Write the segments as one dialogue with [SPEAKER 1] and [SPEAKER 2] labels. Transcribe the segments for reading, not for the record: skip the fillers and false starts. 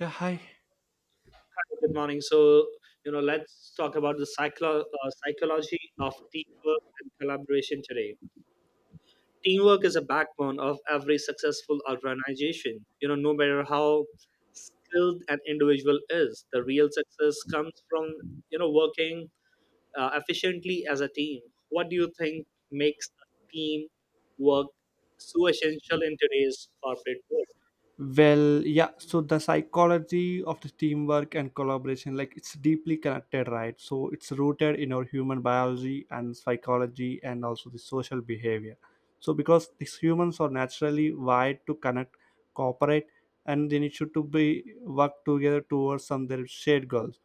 [SPEAKER 1] Yeah, hi.
[SPEAKER 2] Good morning. So, let's talk about the psychology of teamwork and collaboration today. Teamwork is a backbone of every successful organization. No matter how skilled an individual is, the real success comes from working efficiently as a team. What do you think makes a team work so essential in today's corporate world?
[SPEAKER 1] Well, yeah, so the psychology of the teamwork and collaboration, like it's deeply connected, right? So it's rooted in our human biology and psychology and also the social behavior. So because these humans are naturally wired to connect, cooperate, and they need to be work together towards some their shared goals.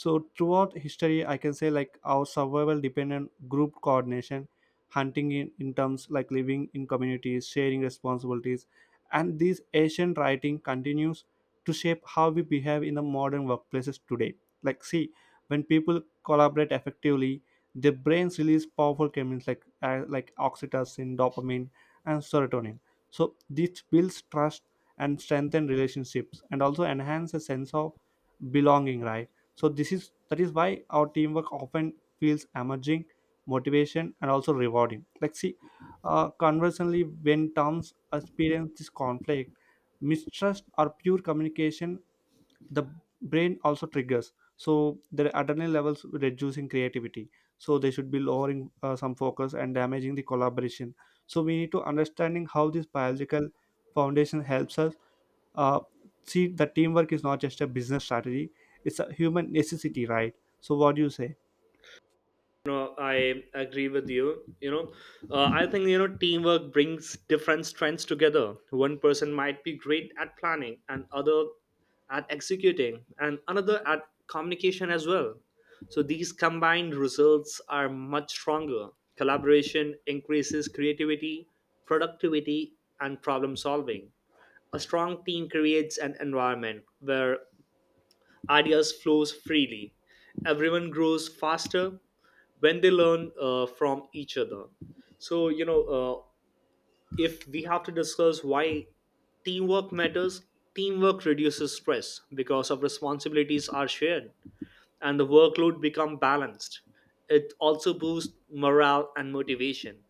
[SPEAKER 1] So throughout history, I can say like our survival dependent group coordination, hunting in terms like living in communities, sharing responsibilities, and this ancient writing continues to shape how we behave in the modern workplaces today. Like see, when people collaborate effectively, their brains release powerful chemicals like oxytocin, dopamine, and serotonin. So this builds trust and strengthen relationships and also enhance a sense of belonging, right? So this is that is why our teamwork often feels emerging motivation and also rewarding. Like see, conversely, when terms experience this conflict, mistrust, or pure communication, the brain also triggers, so the adrenaline levels reducing creativity, so they should be lowering some focus and damaging the collaboration. So we need to understanding how this biological foundation helps us, uh, see the teamwork is not just a business strategy, it's a human necessity, right? So what do you say?
[SPEAKER 2] No, I agree with you. I think teamwork brings different strengths together. One person might be great at planning, and other at executing, and another at communication as well. So these combined results are much stronger. Collaboration increases creativity, productivity, and problem solving. A strong team creates an environment where ideas flows freely. Everyone grows faster when they learn from each other. So if we have to discuss why teamwork matters, teamwork reduces stress because of responsibilities are shared and the workload become balanced. It also boosts morale and motivation.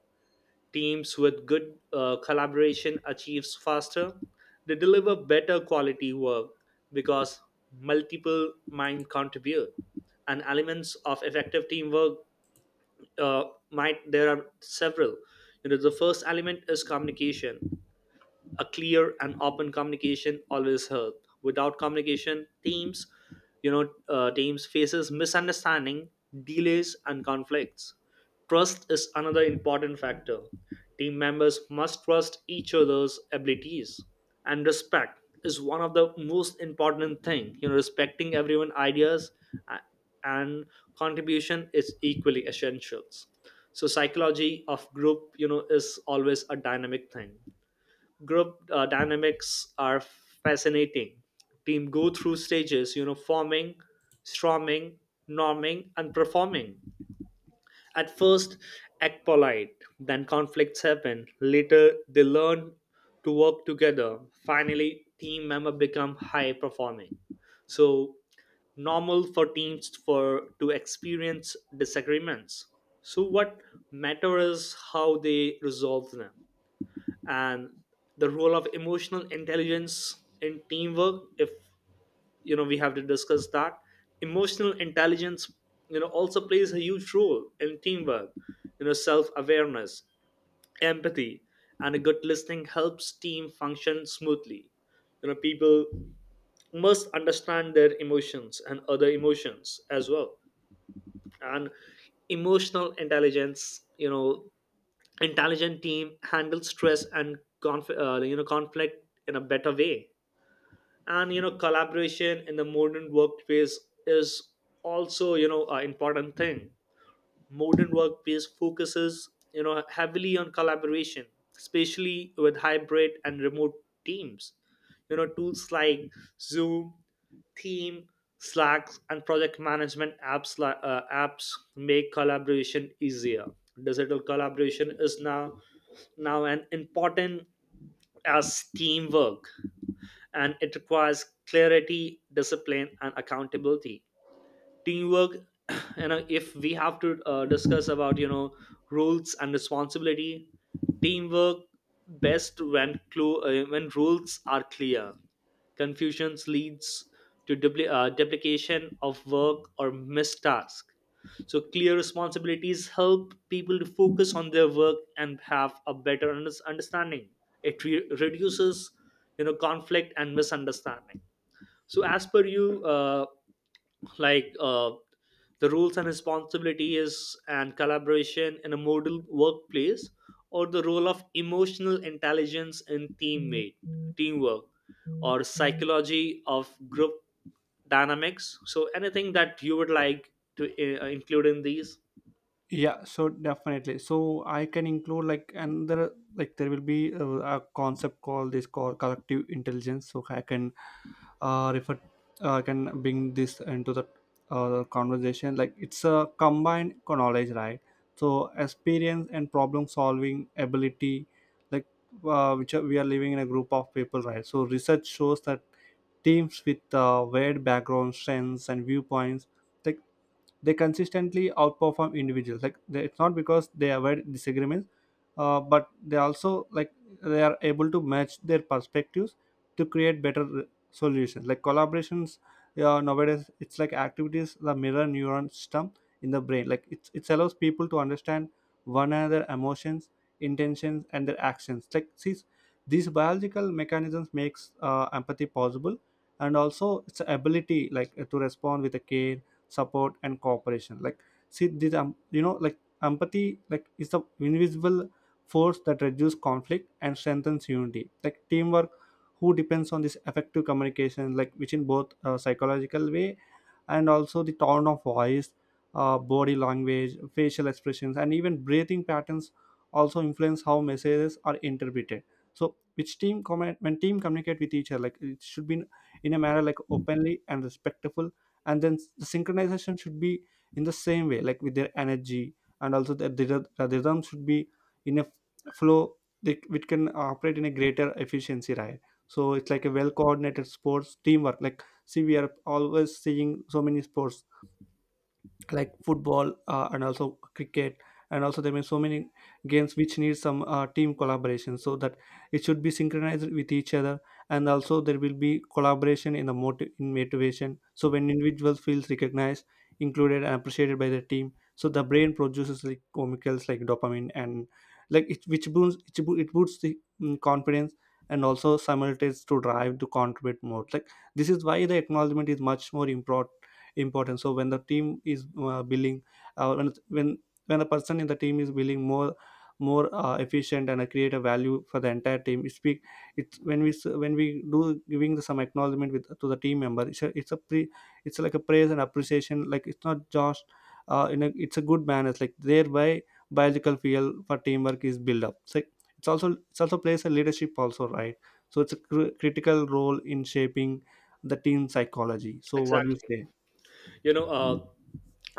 [SPEAKER 2] Teams with good collaboration achieves faster. They deliver better quality work because multiple minds contribute. And elements of effective teamwork, uh, might there are several. The first element is communication. A clear and open communication always helps. Without communication, teams faces misunderstanding, delays, and conflicts. Trust is another important factor. Team members must trust each other's abilities, and respect is one of the most important thing. Respecting everyone's ideas a- and contribution is equally essentials. So psychology of group, is always a dynamic thing. Group dynamics are fascinating. Team go through stages, forming, storming, norming, and performing. At first act polite, then conflicts happen later they learn to work together. Finally team member become high performing. So normal for teams for to experience disagreements, so what matters is how they resolve them. And the role of emotional intelligence in teamwork, if we have to discuss that. Emotional intelligence, also plays a huge role in teamwork. Self awareness, empathy, and a good listening helps team function smoothly. People must understand their emotions and other emotions as well. And emotional intelligence, intelligent team handle stress and conflict in a better way. And collaboration in the modern workplace is also, an important thing. Modern workplace focuses, heavily on collaboration, especially with hybrid and remote teams. Tools like Zoom, Team, Slack, and project management apps make collaboration easier. Digital collaboration is now an important as teamwork, and it requires clarity, discipline, and accountability. Teamwork, if we have to discuss about rules and responsibility. Teamwork best when rules are clear. Confusions leads to duplication of work or missed task. So clear responsibilities help people to focus on their work and have a better understanding. It reduces conflict and misunderstanding. So as per you, like, the rules and responsibilities and collaboration in a model workplace, or the role of emotional intelligence in teammate teamwork, or psychology of group dynamics, so anything that you would like to include in these?
[SPEAKER 1] Yeah, so definitely, so I can include like, and there like there will be a concept called this called collective intelligence, so I can refer, I can bring this into the conversation, like it's a combined knowledge, right? So experience and problem solving ability, like, which are, we are living in a group of people, right? So research shows that teams with varied background, strengths, and viewpoints, like they consistently outperform individuals, like they, it's not because they avoid disagreements, but they also like they are able to match their perspectives to create better solutions, like collaborations. Yeah, nowadays it's like activities the mirror neuron system in the brain, like it allows people to understand one another emotions, intentions, and their actions. Like see, these biological mechanisms makes empathy possible and also its ability like to respond with a care, support, and cooperation. Like see, this like empathy like is the invisible force that reduces conflict and strengthens unity, like teamwork who depends on this effective communication, like which in both psychological way and also the tone of voice, body language, facial expressions, and even breathing patterns also influence how messages are interpreted. So which team comment, when team communicate with each other, like it should be in a manner like openly and respectful, and then the synchronization should be in the same way, like with their energy, and also the rhythm should be in a flow which can operate in a greater efficiency, right? So it's like a well coordinated sports teamwork. Like see, we are always seeing so many sports like football and also cricket, and also there may so many games which need some team collaboration so that it should be synchronized with each other. And also there will be collaboration in the motive in motivation, so when individuals feels recognized, included, and appreciated by the team, so the brain produces like chemicals like dopamine and like it which boosts it, bo- it boosts the confidence and also simultaneous to drive to contribute more. Like this is why the acknowledgement is much more important. So when the team is billing, uh, when when when a person in the team is building more efficient and create a value for the entire team, it's big, it's when we do giving the, some acknowledgement with to the team member. It's a, it's a pre it's like a praise and appreciation, like it's not just it's a good manners, like thereby biological feel for teamwork is built up. So it's also plays a leadership also, right? So it's a critical role in shaping the team psychology. So what do you
[SPEAKER 2] Exactly,
[SPEAKER 1] say?
[SPEAKER 2] you know uh,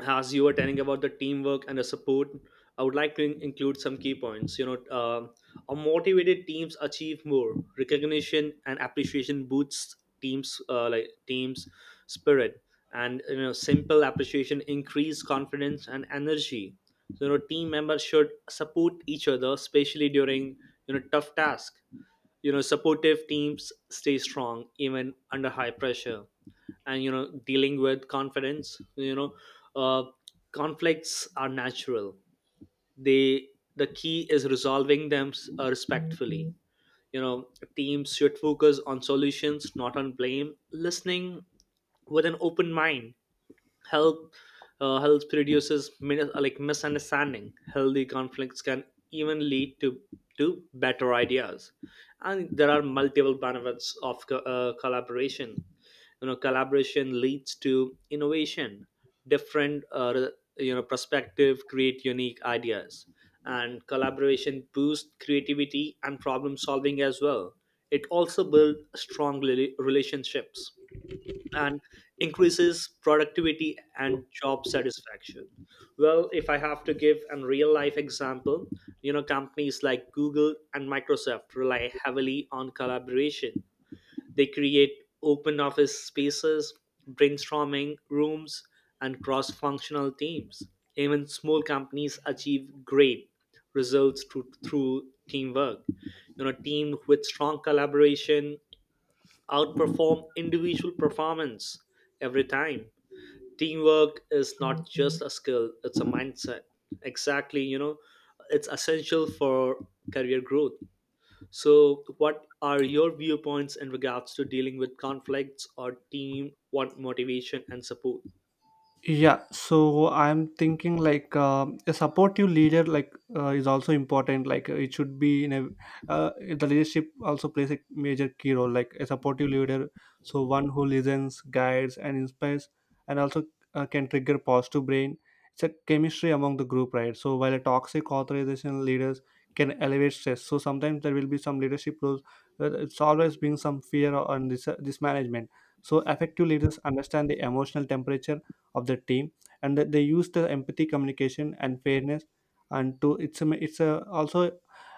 [SPEAKER 2] as you were telling about the teamwork and the support, I would like to include some key points. A motivated teams achieve more, recognition and appreciation boosts teams spirit. And simple appreciation increase confidence and energy. So team members should support each other, especially during tough task. Supportive teams stay strong even under high pressure. And dealing with confidence, uh, conflicts are natural. They, the key is resolving them respectfully. you know teams should focus on solutions not on blame. Listening with an open mind help helps reduces misunderstanding. Healthy conflicts can even lead to better ideas. And there are multiple benefits of collaboration. Collaboration leads to innovation. Different perspective create unique ideas, and collaboration boosts creativity and problem solving as well. It also builds strong relationships and increases productivity and job satisfaction. Well, if I have to give a real life example, companies like Google and Microsoft rely heavily on collaboration. They create open office spaces, brainstorming rooms, and cross functional teams. Even small companies achieve great results through teamwork. Team with strong collaboration outperform individual performance every time. Teamwork is not just a skill, it's a mindset. Exactly, it's essential for career growth. So, what are your viewpoints in regards to dealing with conflicts or team? What motivation and support?
[SPEAKER 1] Yeah, so I'm thinking like a supportive leader like is also important. Like it should be in a the leadership also plays a major key role. Like a supportive leader, so one who listens, guides, and inspires, and also can trigger positive brain. It's a chemistry among the group, right? So while a toxic authorization leaders can elevate stress, so sometimes there will be some leadership roles where it's always been some fear on this management. So effective leaders understand the emotional temperature of the team, and that they use the empathy, communication, and fairness, and to it's a ma- it's a also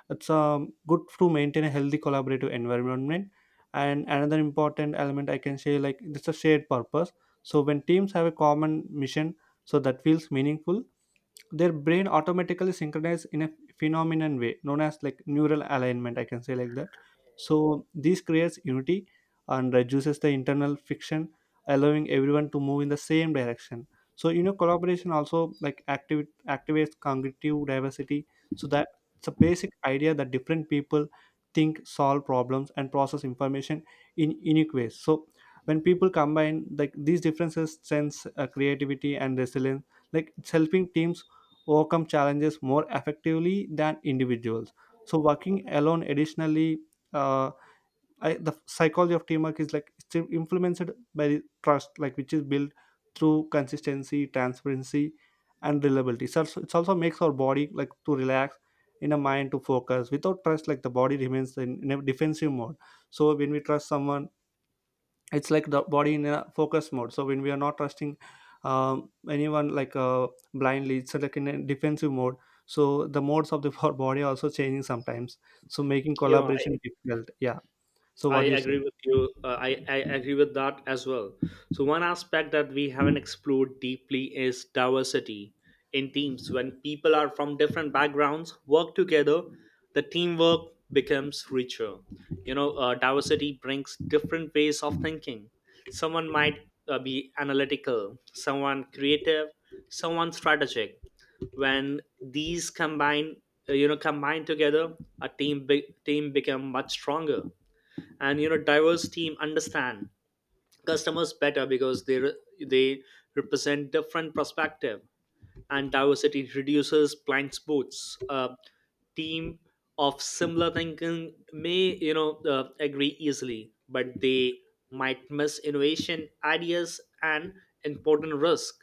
[SPEAKER 1] it's good to maintain a healthy collaborative environment. And another important element I can say like it's a shared purpose. So when teams have a common mission, so that feels meaningful, their brain automatically synchronizes in a phenomenon way known as like neural alignment, I can say like that. So this creates unity and reduces the internal friction, allowing everyone to move in the same direction. So you know, collaboration also like activates cognitive diversity, so that it's a basic idea that different people think, solve problems, and process information in unique ways. So when people combine like these differences sense creativity and resilience, like it's helping teams overcome challenges more effectively than individuals so working alone. Additionally, uh, the psychology of teamwork is like it's influenced by the trust, like which is built through consistency, transparency, and reliability. So it's- it also makes our body like to relax in a mind to focus without trust, like the body remains in a defensive mode. So when we trust someone, it's like the body in a focus mode. So when we are not trusting, anyone like blindly, it's like in a defensive mode. So the modes of the body are also changing sometimes, so making
[SPEAKER 2] You know,
[SPEAKER 1] collaboration difficult, yeah. So
[SPEAKER 2] I
[SPEAKER 1] what do you say?
[SPEAKER 2] agree with you. I agree with that as well. So, one aspect that we haven't explored deeply is diversity in teams. When people are from different backgrounds work together, the teamwork becomes richer. Diversity brings different ways of thinking. Someone might be analytical, someone creative, someone strategic. When these combine, combine together, a team become much stronger. And diverse team understand customers better, because they represent different perspective, and diversity reduces blind spots. A team of similar thinking may, agree easily, but they might miss innovation ideas and important risk.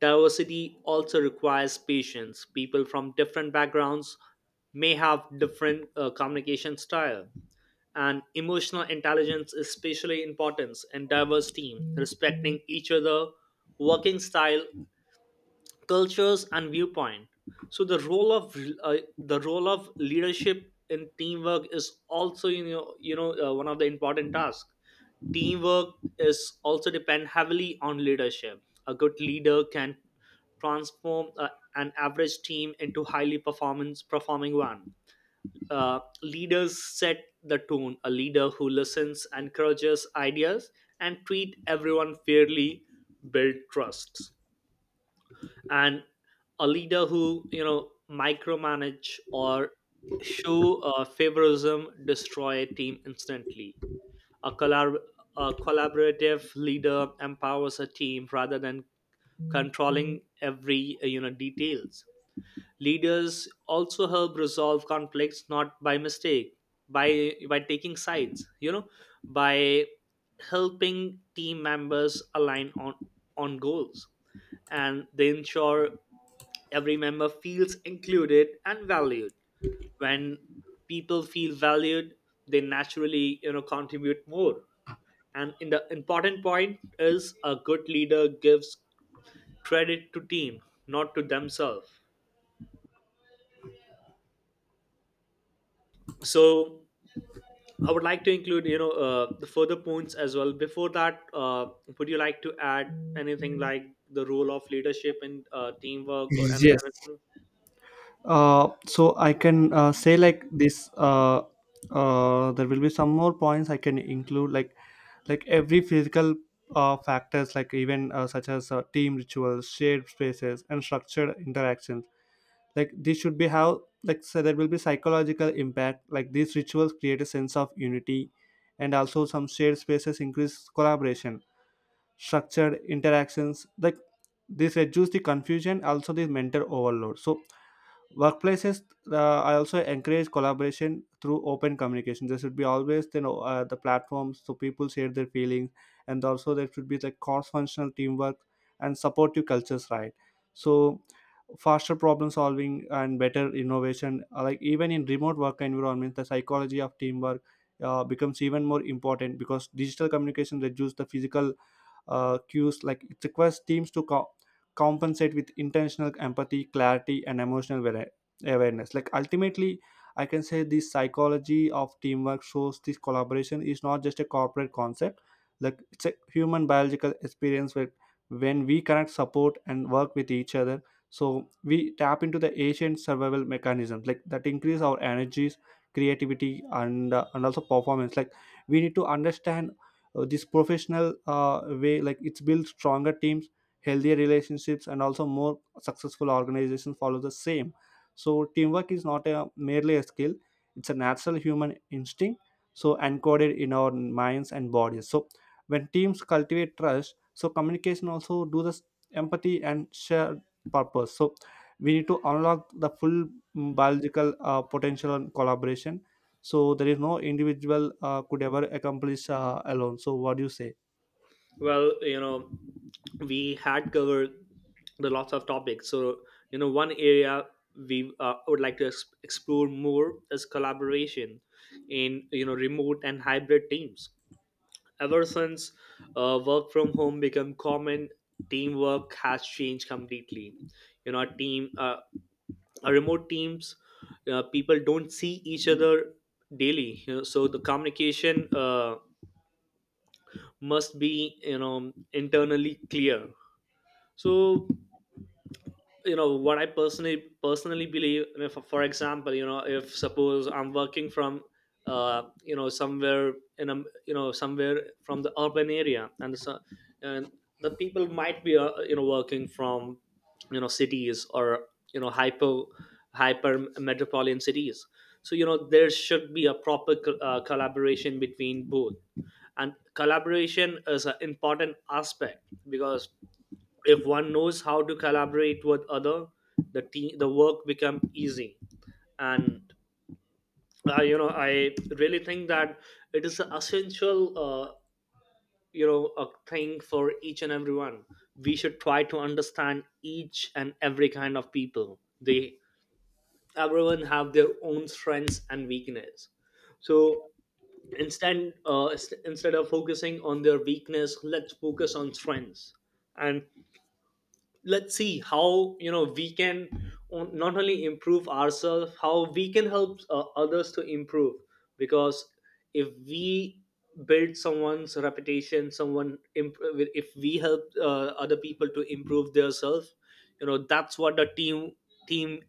[SPEAKER 2] Diversity also requires patience. People from different backgrounds may have different communication style, and emotional intelligence is especially important in diverse team, respecting each other working style, cultures, and viewpoint. So the role of leadership in teamwork is also, one of the important tasks. Teamwork is also depend heavily on leadership. A good leader can transform an average team into highly performance performing one. Leaders set the tone. A leader who listens, encourages ideas, and treat everyone fairly build trust. And a leader who micromanage or show favoritism destroy a team instantly. A, collab- a collaborative leader empowers a team rather than controlling every, details. Leaders also help resolve conflicts, not by mistake, by taking sides, by helping team members align on goals, and they ensure every member feels included and valued. When people feel valued, they naturally, contribute more. And in the important point is, a good leader gives credit to team, not to themselves. So I would like to include, the further points as well. Before that, would you like to add anything like the role of leadership and teamwork or an-
[SPEAKER 1] Yes.
[SPEAKER 2] anything?
[SPEAKER 1] So I can say like this. There will be some more points I can include, like every physical factors, like even such as team rituals, shared spaces, and structured interactions, like this should be how like. So there will be psychological impact, like these rituals create a sense of unity, and also some shared spaces increase collaboration. Structured interactions like this reduce the confusion, also the mental overload. So workplaces, uh, I also encourage collaboration through open communication. There should be always you know the platforms so people share their feelings, and also there should be the cross functional teamwork and supportive cultures, right? So faster problem solving and better innovation, like even in remote work environments the psychology of teamwork becomes even more important because digital communication reduces the physical cues, like it requires teams to compensate with intentional empathy, clarity, and awareness. Like ultimately, I can say the psychology of teamwork shows this collaboration is not just a corporate concept, like it's a human biological experience where when we connect, support, and work with each other, so we tap into the ancient survival mechanisms like that increase our energies, creativity, and also performance. Like we need to understand this professional way like it's built stronger teams, healthier relationships, and also more successful organizations follow the same. So teamwork is not a merely a skill, it's a natural human instinct, so encoded in our minds and bodies. So when teams cultivate trust, so communication also do this, empathy and shared purpose. So we need to unlock the full biological potential and collaboration, so there is no individual could ever accomplish alone. So what do you say?
[SPEAKER 2] Well, we had covered the lots of topics. So, one area we would like to explore more is collaboration in, remote and hybrid teams. Ever since work from home become common, teamwork has changed completely. You know a team remote teams, people don't see each other daily, so the communication must be, internally clear. So what I personally believe, I mean, for example, if suppose I'm working from, somewhere in a, somewhere from the urban area, and the people might be, working from, cities or, you know hyper hyper metropolitan cities. So there should be a proper collaboration between both. And collaboration is an important aspect, because if one knows how to collaborate with other, the team the work become easy. And I really think that it is an essential, a thing for each and everyone. We should try to understand each and every kind of people. They, everyone have their own strengths and weakness. So instead of focusing on their weakness, let's focus on strengths. And let's see how, we can, not only improve ourselves, how we can help, others to improve. Because if we build someone's reputation, if we help, other people to improve themselves, that's what the team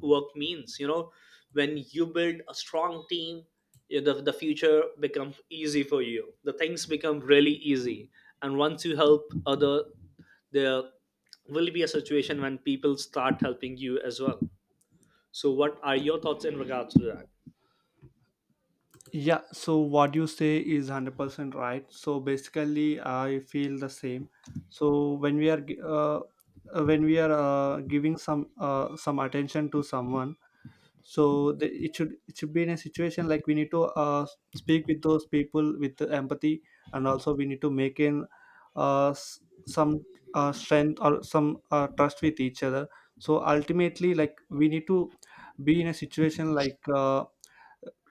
[SPEAKER 2] work means. When you build a strong team, the future becomes easy for you, the things become really easy. And once you help other, there will be a situation when people start helping you as well. So what are your thoughts in regards to that?
[SPEAKER 1] Yeah, so what you say is 100% right, so basically I feel the same. So when we are giving some attention to someone, so the, it should be in a situation like we need to speak with those people with the empathy, and also we need to make in some strength or some trust with each other. So ultimately, like we need to be in a situation like,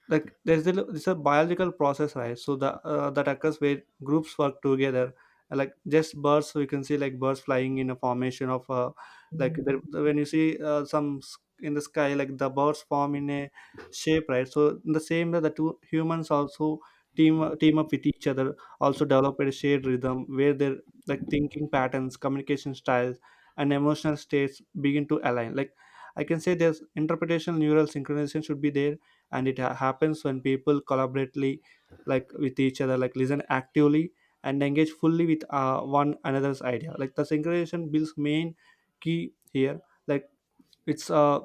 [SPEAKER 1] like there's a it's a biological process, right? So the that occurs where groups work together, like just birds, we can see like birds flying in a formation of like the, when you see in the sky, like the birds form in a shape, right? So in the same way, the two humans also team up with each other, also develop a shared rhythm where their like thinking patterns, communication styles, and emotional states begin to align. Like I can say there's interpretation neural synchronization should be there, and happens when people collaboratively, like with each other, like listen actively and engage fully with one another's idea. Like the synchronization builds main key here, like it's uh,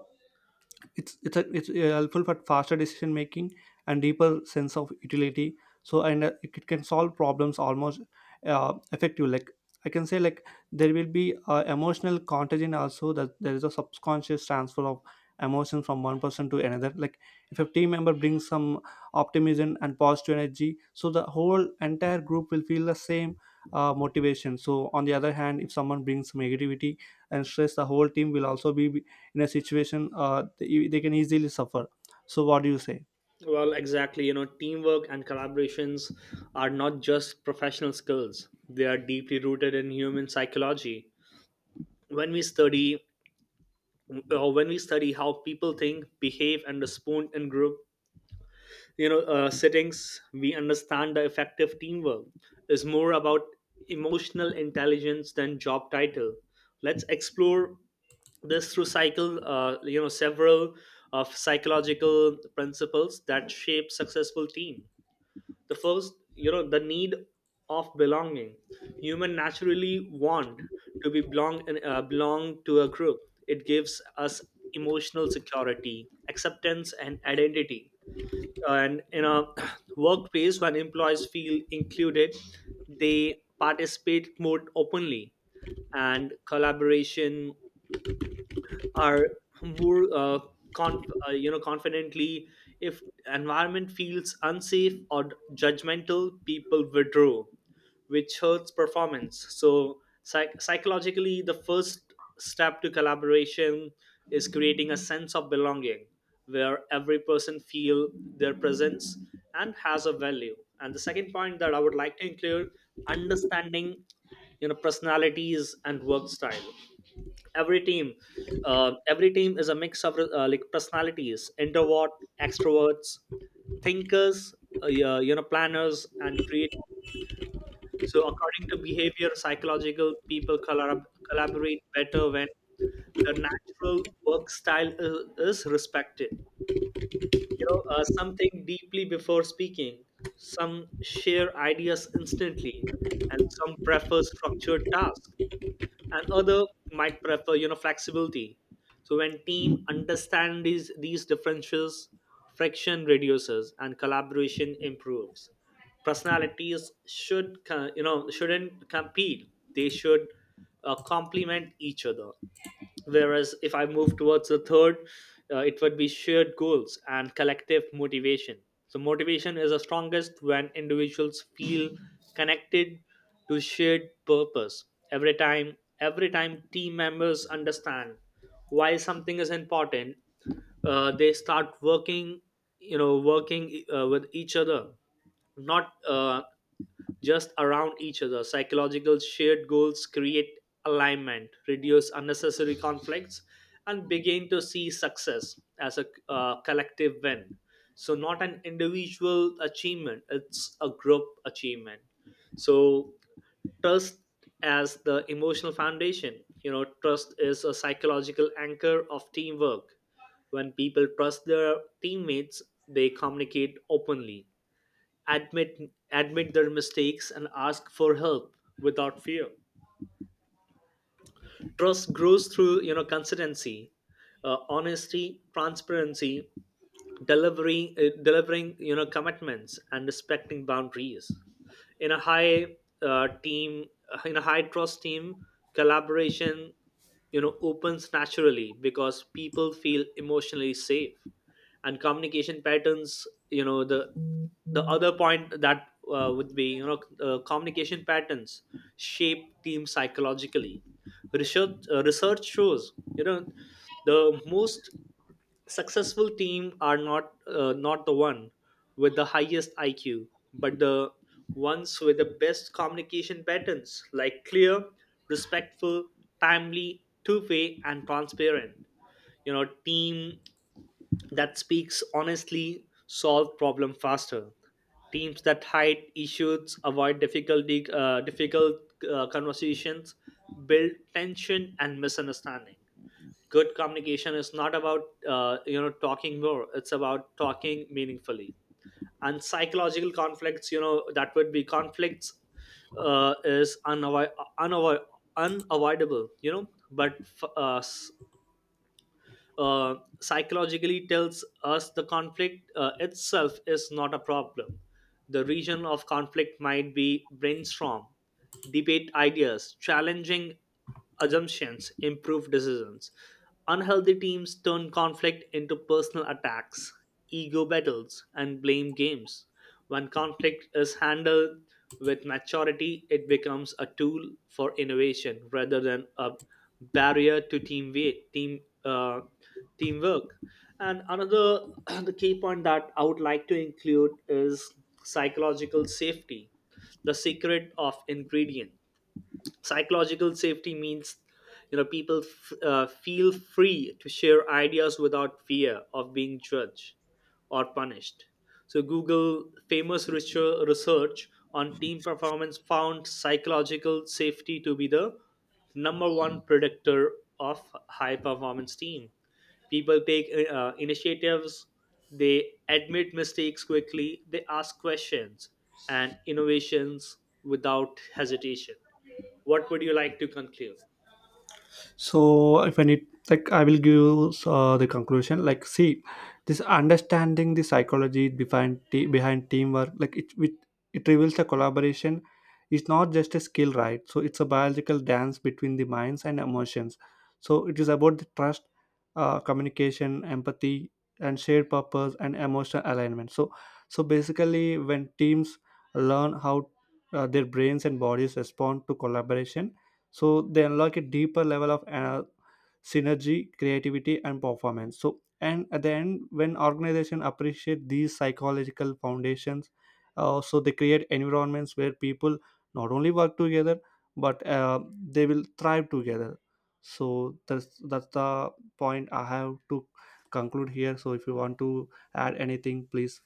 [SPEAKER 1] it's helpful for faster decision making and deeper sense of utility. So and it can solve problems almost effective. Like I can say like there will be emotional contagion also, that there is a subconscious transfer of emotion from one person to another. Like if a team member brings some optimism and positive energy, so the whole entire group will feel the same motivation. So on the other hand, if someone brings negativity and stress, the whole team will also be in a situation, they can easily suffer. So what do you say?
[SPEAKER 2] Well exactly, teamwork and collaborations are not just professional skills, they are deeply rooted in human psychology. When we study, how people think behave and respond in group, settings, we understand the effective teamwork is more about emotional intelligence than job title. Let's explore this through cycle you know several of psychological principles that shape successful team. The First, the need of belonging. Human naturally want to be belong and belong to a group. It gives us emotional security, acceptance, and identity. And in a workplace, when employees feel included, they participate more openly and collaboration are more confidently. If environment feels unsafe or judgmental, people withdraw, which hurts performance. So psychologically, the first step to collaboration is creating a sense of belonging where every person feel their presence and has a value. And the second point that I would like to include: understanding, personalities and work style. every team every team is a mix of like personalities: introvert, extroverts, thinkers, planners and create. So according to behavior psychological, people collaborate better when the natural work style is respected. Some think deeply before speaking, some share ideas instantly, and some prefer structured tasks, and other might prefer, flexibility. So when team understand these differences, friction reduces and collaboration improves. Personalities should shouldn't compete, they should complement each other. Whereas if I move towards the third, it would be shared goals and collective motivation. So motivation is the strongest when individuals feel connected to shared purpose. Every time team members understand why something is important, they start working, working with each other, not just around each other. Psychological shared goals create alignment, reduce unnecessary conflicts, and begin to see success as a collective win. So, not an individual achievement, it's a group achievement. So, trust as the emotional foundation. Trust is a psychological anchor of teamwork. When people trust their teammates, they communicate openly, admit admit their mistakes, and ask for help without fear. Trust grows through, consistency, honesty, transparency, delivering, commitments, and respecting boundaries. in a high uh, team in a high trust team, collaboration, opens naturally because people feel emotionally safe. And communication patterns, you know the other point that would be you know communication patterns shape team psychologically. Research shows, you know the most successful team are not the one with the highest IQ, but the ones with the best communication patterns, like clear, respectful, timely, two-way, and transparent. You know, team that speaks honestly solve problem faster. Teams that hide issues, avoid difficulty, difficult conversations, build tension and misunderstanding. Good communication is not about, talking more, it's about talking meaningfully. And psychological conflicts, you know that would be conflicts uh, is unavoid- unavoid- unavoidable, but f- uh, s- uh, psychologically tells us the conflict itself is not a problem. The region of conflict might be brainstorm, debate ideas, challenging assumptions, improve decisions. Unhealthy teams turn conflict into personal attacks, ego battles, and blame games. When conflict is handled with maturity, it becomes a tool for innovation rather than a barrier to teamwork. And another the key point that I would like to include is psychological safety, the secret of ingredient. Psychological safety means, people feel free to share ideas without fear of being judged or punished. So Google famous research on team performance found psychological safety to be the number one predictor of high performance team. People take initiatives, they admit mistakes quickly, they ask questions, and innovations without hesitation. What would you like to conclude?
[SPEAKER 1] So if I need, like I will give the conclusion. Like see, this understanding the psychology behind teamwork, like it reveals the collaboration is not just a skill, right? So it's a biological dance between the minds and emotions. So it is about the trust, communication, empathy, and shared purpose, and emotional alignment. So so basically when teams learn how their brains and bodies respond to collaboration, so they unlock a deeper level of synergy, creativity, and performance. So and at the end, when organizations appreciate these psychological foundations, so they create environments where people not only work together, but they will thrive together. So that's the point I have to conclude here. So if you want to add anything, please.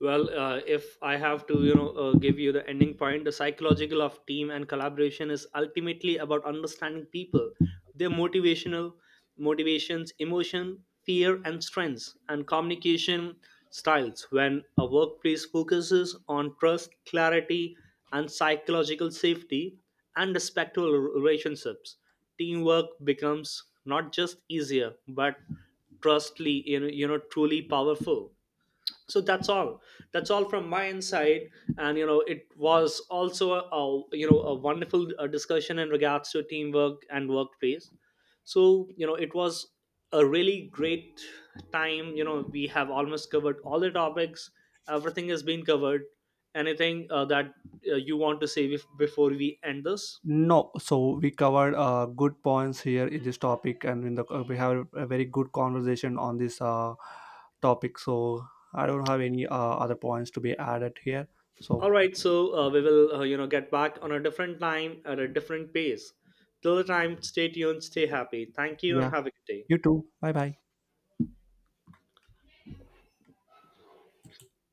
[SPEAKER 2] Well, if I have to, give you the ending point, the psychological of team and collaboration is ultimately about understanding people, their motivational motivations, emotion, fear, and strengths, and communication styles. When a workplace focuses on trust, clarity, and psychological safety, and respectful relationships, teamwork becomes not just easier but trustly, truly powerful. So that's all. That's all from my inside. And you know it was also a wonderful discussion in regards to teamwork and workplace. So you know it was a really great time. You know, we have almost covered all the topics, everything has been covered. Anything that you want to say before we end this?
[SPEAKER 1] No, so we covered good points here in this topic, and in the we have a very good conversation on this topic. So I don't have any other points to be added here. So
[SPEAKER 2] All right, so we will, get back on a different time at a different pace. Till the time, stay tuned, stay happy, thank you and
[SPEAKER 1] yeah,
[SPEAKER 2] have a good day.
[SPEAKER 1] you too. Bye bye.